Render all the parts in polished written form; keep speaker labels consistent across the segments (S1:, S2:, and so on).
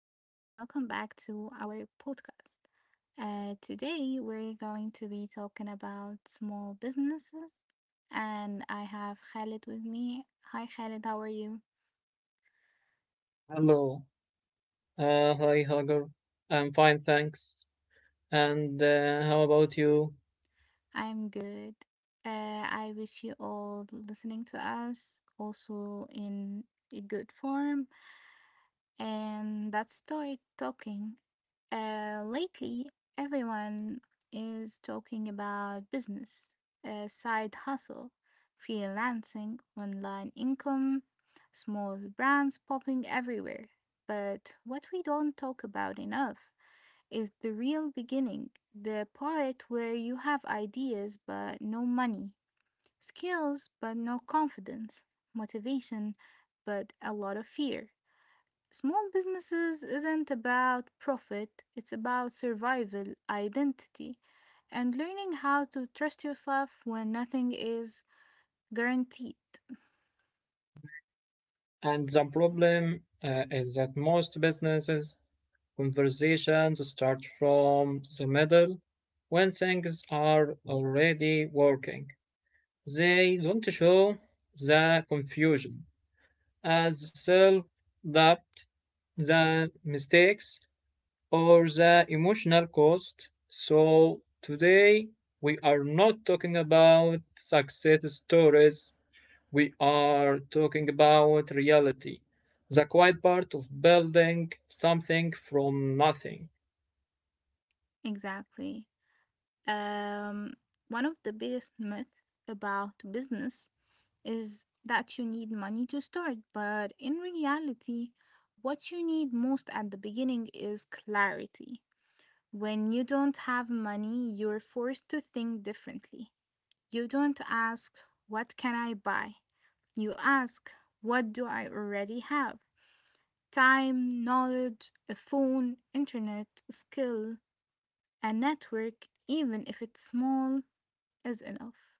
S1: back to our podcast. Today, we're going to be talking about small businesses, and I have Khalid with me. Hi, Khalid, how are you?
S2: Hello. Hi, Hagar. I'm fine, thanks. And how about you?
S1: I'm good. I wish you all listening to us also in a good form, and let's start talking. Lately, everyone is talking about business, side hustle, freelancing, online income, small brands popping everywhere. But what we don't talk about enough is the real beginning, the part where you have ideas but no money, skills but no confidence, motivation but a lot of fear. Small businesses isn't about profit, it's about survival, identity, and learning how to trust yourself when nothing is guaranteed.
S2: And the problem is that most businesses conversations start from the middle when things are already working. They don't show the confusion, as self doubt, the mistakes, or the emotional cost. So today we are not talking about success stories. We are talking about reality, the quiet part of building something from nothing.
S1: Exactly. Um, One of the biggest myths about business is that you need money to start, but in reality, what you need most at the beginning is clarity. When you don't have money, you're forced to think differently. You don't ask, what can I buy? You ask, what do I already have? Time, knowledge, a phone, internet, skill, a network, even if it's small, is enough.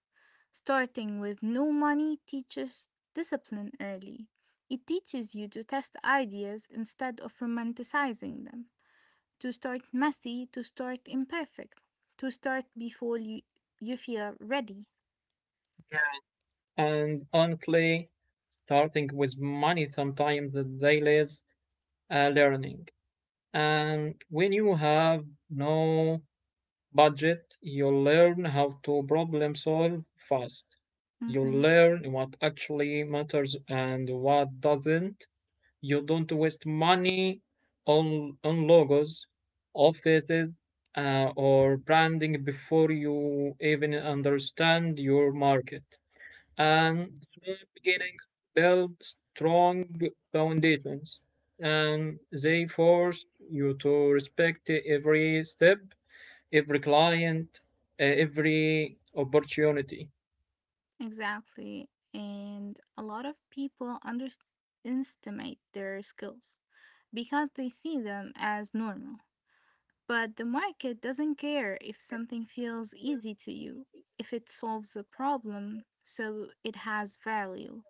S1: Starting with no money teaches discipline early. It teaches you to test ideas instead of romanticizing them, to start messy, to start imperfect, to start before you feel ready.
S2: And honestly, starting with money sometimes the daily is a learning. And when you have no budget, you'll learn how to problem solve fast. You'll
S1: Mhm.
S2: learn what actually matters and what doesn't. You don't waste money on logos, offices, or branding before you even understand your market. And small beginnings build strong foundations, and they force you to respect every step every client, every opportunity.
S1: Exactly. And a lot of people underestimate their skills because they see them as normal. But the market doesn't care if something feels easy to you, if it solves a problem, so it has value.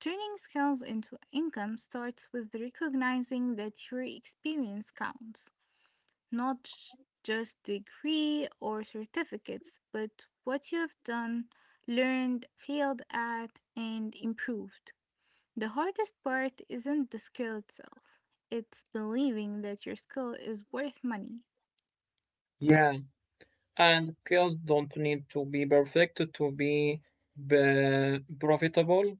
S1: Turning skills into income starts with recognizing that your experience counts not j- just degree or certificates, but what you've done, learned, failed at, and improved. The hardest part isn't the skill itself, it's believing that your skill is worth money.
S2: Yeah, and skills don't need to be perfect to be profitable.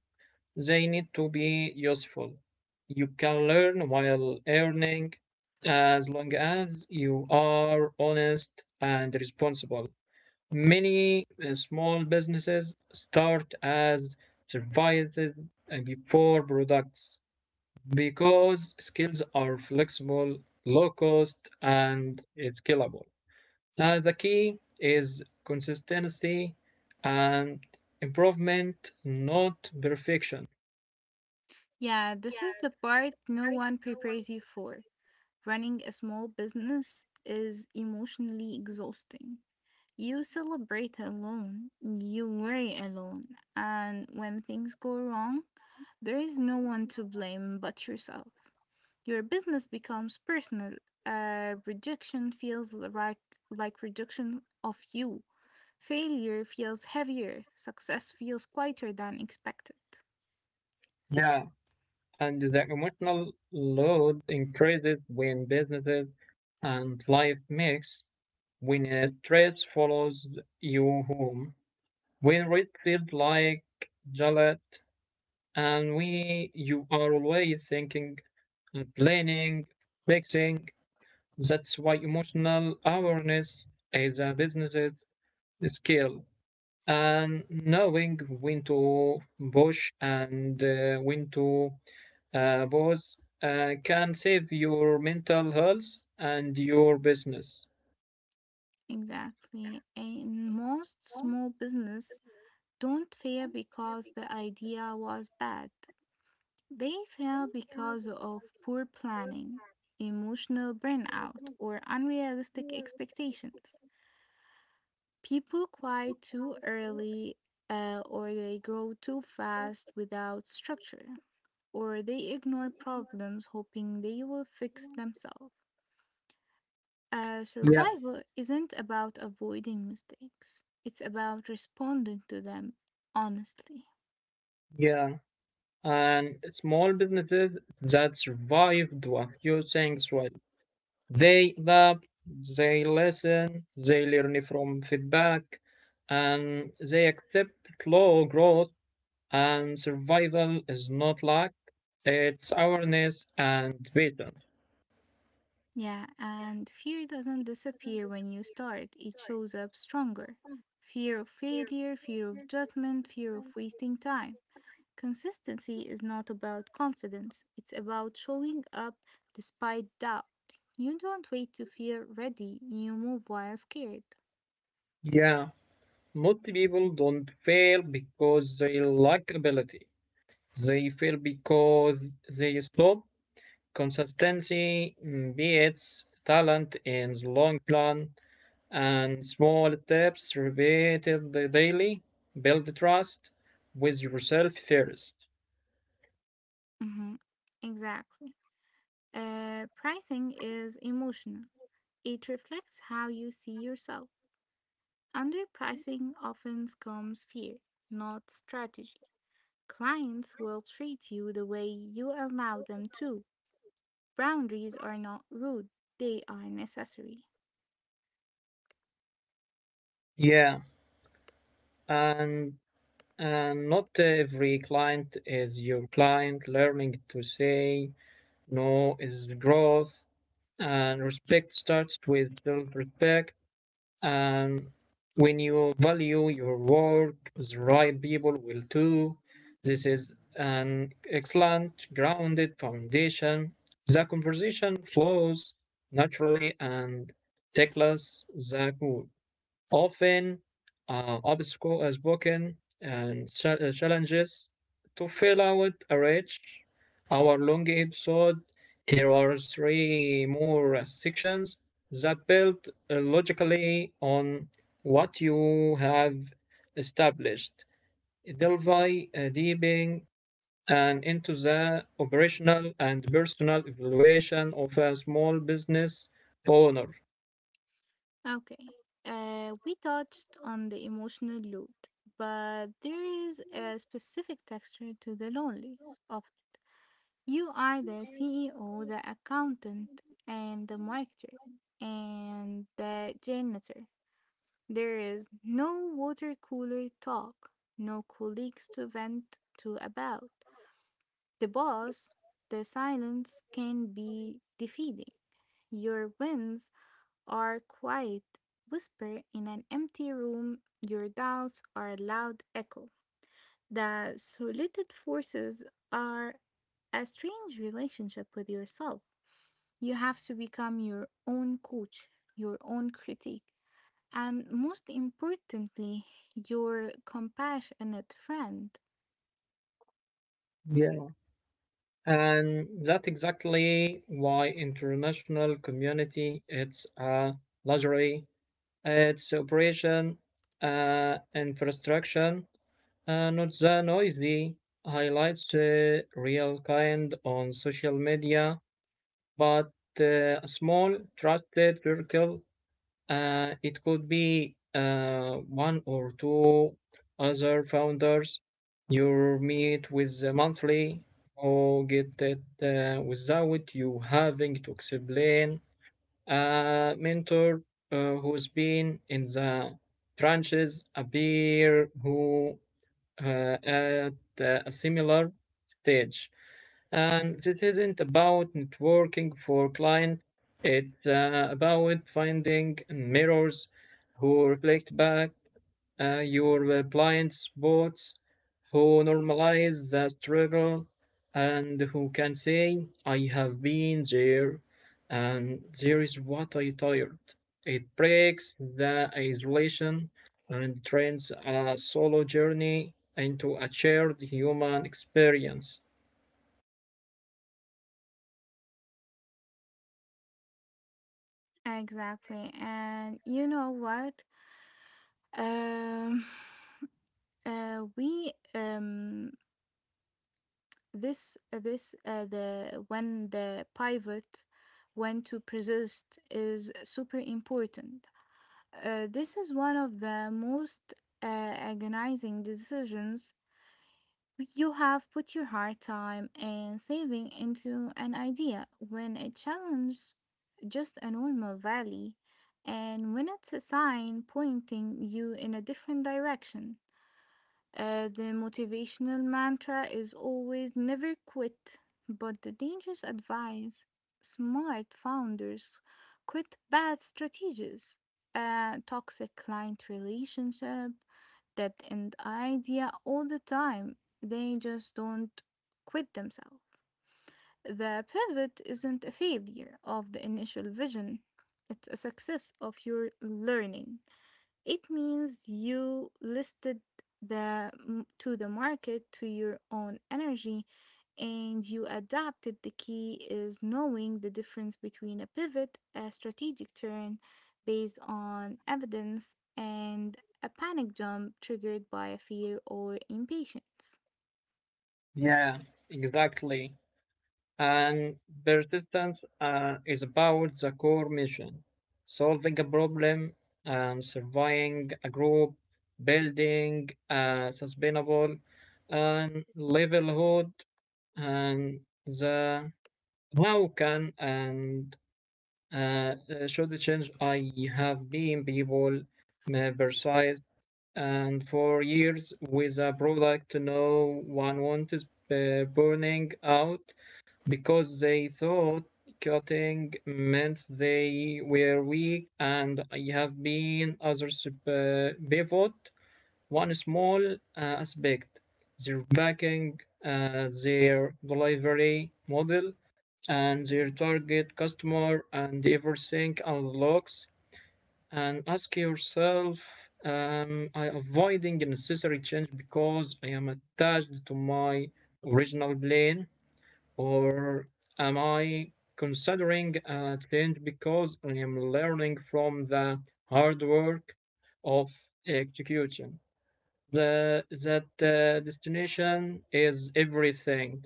S2: They need to be useful. You can learn while earning as long as you are honest and responsible. Many small businesses start as services before products because skills are flexible, low cost, and scalable. The key is consistency and improvement, not perfection.
S1: Yeah, this is the part no one prepares you for. Running a small business is emotionally exhausting. You celebrate alone, you worry alone, and when things go wrong, there is no one to blame but yourself. Your business becomes personal. Rejection feels like rejection of you. Failure feels heavier. Success feels quieter than expected.
S2: Yeah, and the emotional load increases when businesses and life mix, when stress follows you home, when it feels like Jalat, and we you are always thinking and planning, fixing. That's why emotional awareness is a business skill and knowing when to push and when to pause can save your mental health and your business.
S1: Exactly. And most small business don't fail because the idea was bad. They fail because of poor planning, emotional burnout, or unrealistic expectations. People quit too early, or they grow too fast without structure, or they ignore problems hoping they will fix themselves. Uh,
S2: Yeah,
S1: survival isn't about avoiding mistakes, it's about responding to them honestly.
S2: yeah. And small businesses that survived what you think well. They adapt, they listen, they learn from feedback, and they accept slow growth. And survival is not luck, it's awareness and vision.
S1: Yeah, and fear doesn't disappear when you start, it shows up stronger. Fear of failure, fear of judgment, fear of wasting time. Consistency is not about confidence, it's about showing up despite doubt. You don't wait to feel ready, you move while scared.
S2: Yeah, most people don't fail because they lack ability. They fail because they stop. Consistency beats talent in the long run, and small steps repeated daily build trust with yourself first.
S1: Mhm. Exactly. Pricing is emotional, it reflects how you see yourself. Underpricing often comes fear, not strategy. Clients will treat you the way you allow them to. Boundaries are not rude, they are necessary.
S2: Yeah, and and not every client is your client. Learning to say no is growth, and respect starts with self respect. And when you value your work, the right people will too. This is an excellent grounded foundation. The conversation flows naturally and tickles the goal. Often, obstacles are spoken and challenges to fill out a rich, hour long episode. Here are three more sections that build logically on what you have established, delving deep in and into the operational and personal evaluation of a small business owner.
S1: Okay. We touched on the emotional load, but there is a specific texture to the loneliness of it. You are the CEO, the accountant, and the marketer, and the janitor. There is no water cooler talk, no colleagues to vent to about. The boss, the silence can be defeating. Your wins are quiet whisper in an empty room, your doubts are a loud echo. The solid forces are a strange relationship with yourself. You have to become your own coach, your own critic, and most importantly, your compassionate friend.
S2: Yeah. And that's exactly why international community it's a luxury, it's operation, infrastructure, not the noisy highlights real kind on social media, but a small trusted circle, it could be one or two other founders you meet with monthly or get that without you having to explain a mentor who's been in the trenches, a peer who at a similar stage. And this isn't about networking for clients. It's about finding mirrors who reflect back your blind spots, who normalize the struggle, and who can say, I have been there, and there is what I tired. It breaks the isolation and turns a solo journey into a shared human experience.
S1: Exactly. And you know what? Um, we This this the when the pivot when to persist is super important. This is one of the most agonizing decisions. You have put your hard time and saving into an idea when it challenges just a normal valley and when it's a sign pointing you in a different direction. The motivational mantra is always never quit, but the dangerous advice smart founders quit bad strategies, toxic client relationship, that end idea all the time. They just don't quit themselves. The pivot isn't a failure of the initial vision, it's a success of your learning. It means you listed to the market to your own energy and you adapted. The key is knowing the difference between a pivot, a strategic turn based on evidence, and a panic jump triggered by a fear or impatience.
S2: Yeah, exactly. And persistence is about the core mission solving a problem and surveying a group, building a sustainable and livelihood, and the how can and should change. I have been people may and for years with a product no one wanted, burning out because they thought cutting meant they were weak, and I have been others pivot one small aspect, their backing, their delivery model, and their target customer, and everything unlocks. And ask yourself, am I avoiding unnecessary change because I am attached to my original plan, or am I considering a change because I am learning from the hard work of execution? The that destination is everything.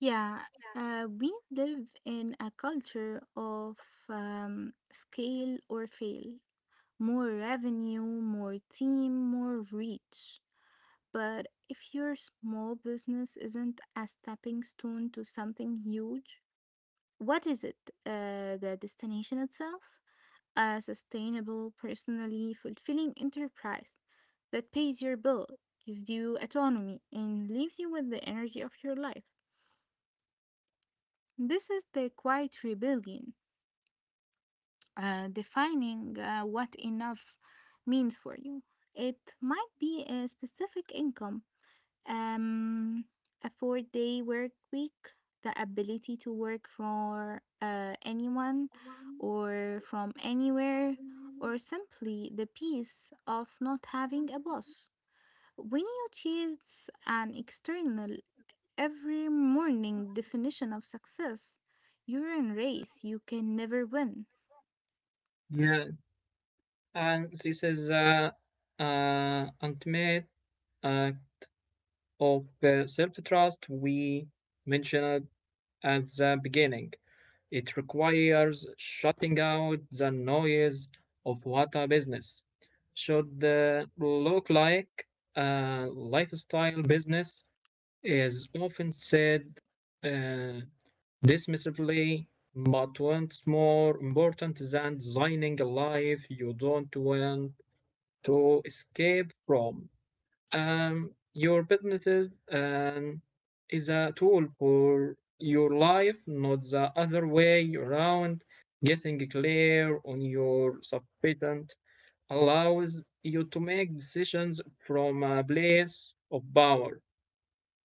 S1: Yeah, we live in a culture of scale or fail. More revenue, more team, more reach. But if your small business isn't a stepping stone to something huge, what is it? The destination itself? A sustainable, personally fulfilling enterprise that pays your bill, gives you autonomy, and leaves you with the energy of your life. This is the quiet rebellion, defining what enough means for you. It might be a specific income um, a 4-day work week, the ability to work for anyone or from anywhere, or simply the peace of not having a boss. When you chase an external every morning definition of success, you're in a race you can never win.
S2: Yeah, and this is the ultimate uh, of the self-trust we mentioned at the beginning. It requires shutting out the noise of what a business should look like. A lifestyle business is often said uh, dismissively, but what's more important than designing a life you don't want to escape from. Your business is a tool for your life, not the other way around. Getting clear on your subpatent allows you to make decisions from a place of power,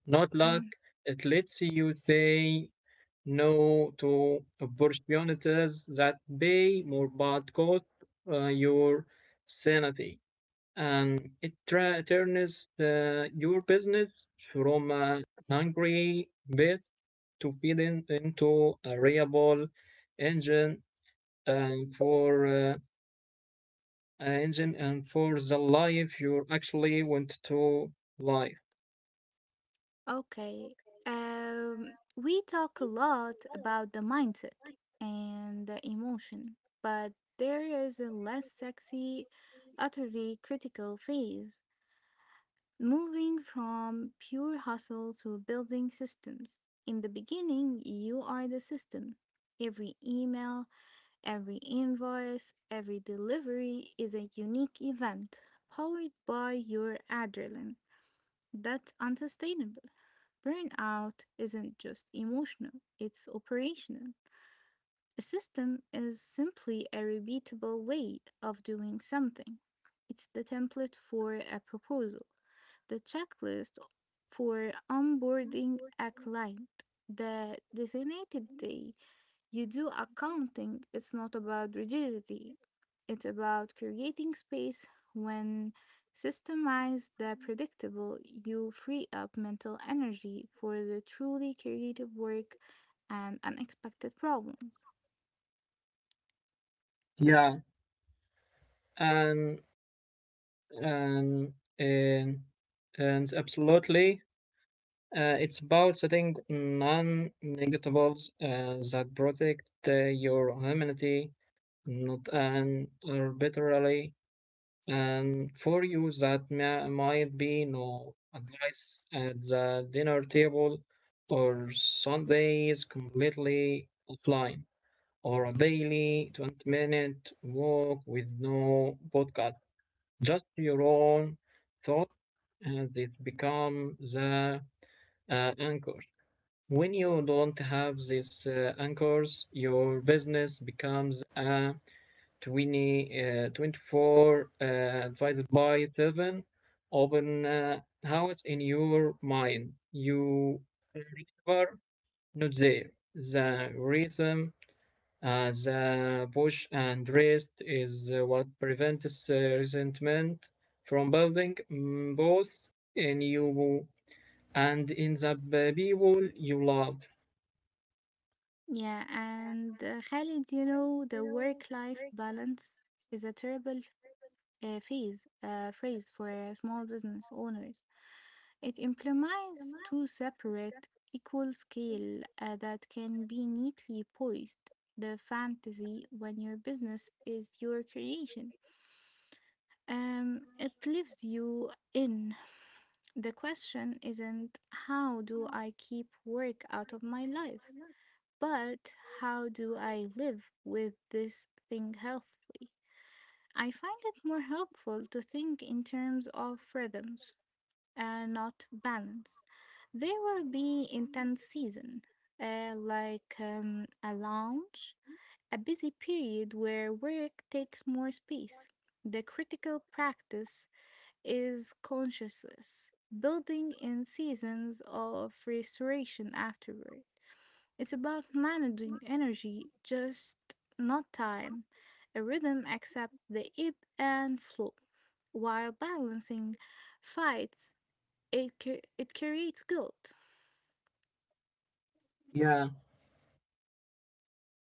S2: not luck. It lets you say no to opportunities that pay more but cost your sanity, and turns your business from a hungry beast to into a reliable engine and for a engine and for the life you actually want to live.
S1: Okay. We talk a lot about the mindset and the emotion, but there is a less sexy, utterly critical phase moving from pure hustle to building systems. In the beginning, you are the system. Every email, every invoice, every delivery is a unique event powered by your adrenaline. That's unsustainable. Burnout isn't just emotional, it's operational. A system is simply a repeatable way of doing something. It's the template for a proposal, the checklist for onboarding a client, the designated day you do accounting, it's not about rigidity, it's about creating space when systemized the predictable you free up mental energy for the truly creative work and unexpected problems.
S2: Yeah, and and and, and absolutely. It's about setting non-negativables that protect your humanity not an arbitrarily, and for you that might be no advice at the dinner table or Sundays completely offline or a daily 20-minute walk with no podcast, just your own thought, and it becomes the anchor. When you don't have these anchors, your business becomes a 24 divided by 7 open house in your mind. You river not there. The rhythm, the push and rest is what prevents resentment from building, both in you and in the people you love.
S1: Yeah, and Khalid, you know the work life balance is a terrible phase phrase for small business owners. It implies two separate equal scale that can be neatly poised. The fantasy when your business is your creation. It lives you in. The question isn't how do I keep work out of my life, but how do I live with this thing healthily? I find it more helpful to think in terms of rhythms and not balance. There will be intense season, a launch, a busy period where work takes more space. The critical practice is consciousness, building in seasons of restoration afterward. It's about managing energy, just not time. A rhythm accepts the ebb and flow while balancing fights, it creates guilt.
S2: Yeah.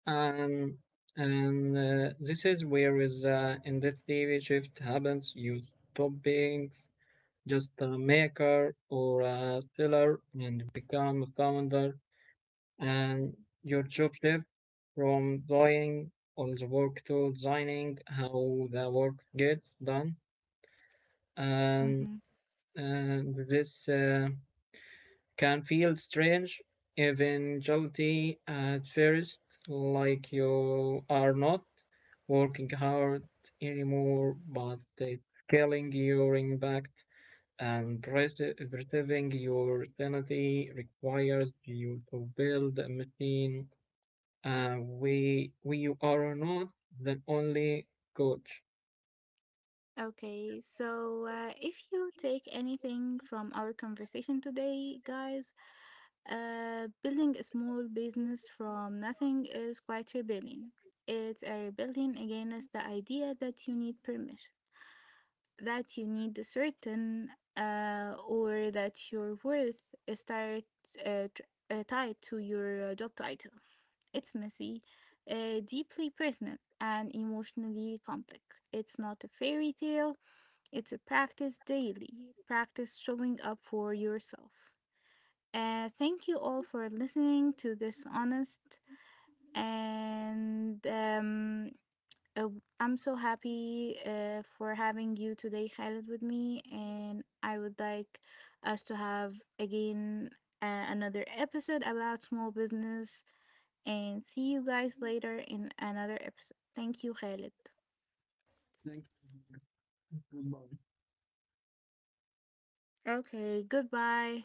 S2: Um, and this is where is the identity shift happens. You stop being just a maker or a seller and become a founder. And your job shift from doing all the work to designing how the work gets done. And,
S1: Mhm.
S2: and this can feel strange, eventually at first, like you are not working hard anymore, but scaling your impact and preserving your sanity requires you to build a machine. We are not the only coach.
S1: Okay, so if you take anything from our conversation today, guys, building a small business from nothing is quite rebellion. It's a rebellion against the idea that you need permission, that you need a certain, or that your worth is tied, uh, tr- tied to your job title. It's messy, deeply personal, and emotionally complex. It's not a fairy tale, it's a practice daily, practice showing up for yourself. Thank you all for listening to this honest and uh, I'm so happy for having you today, Khaled, with me, and I would like us to have again another episode about small business and see you guys later in another episode. Thank you, Khaled. Okay, goodbye.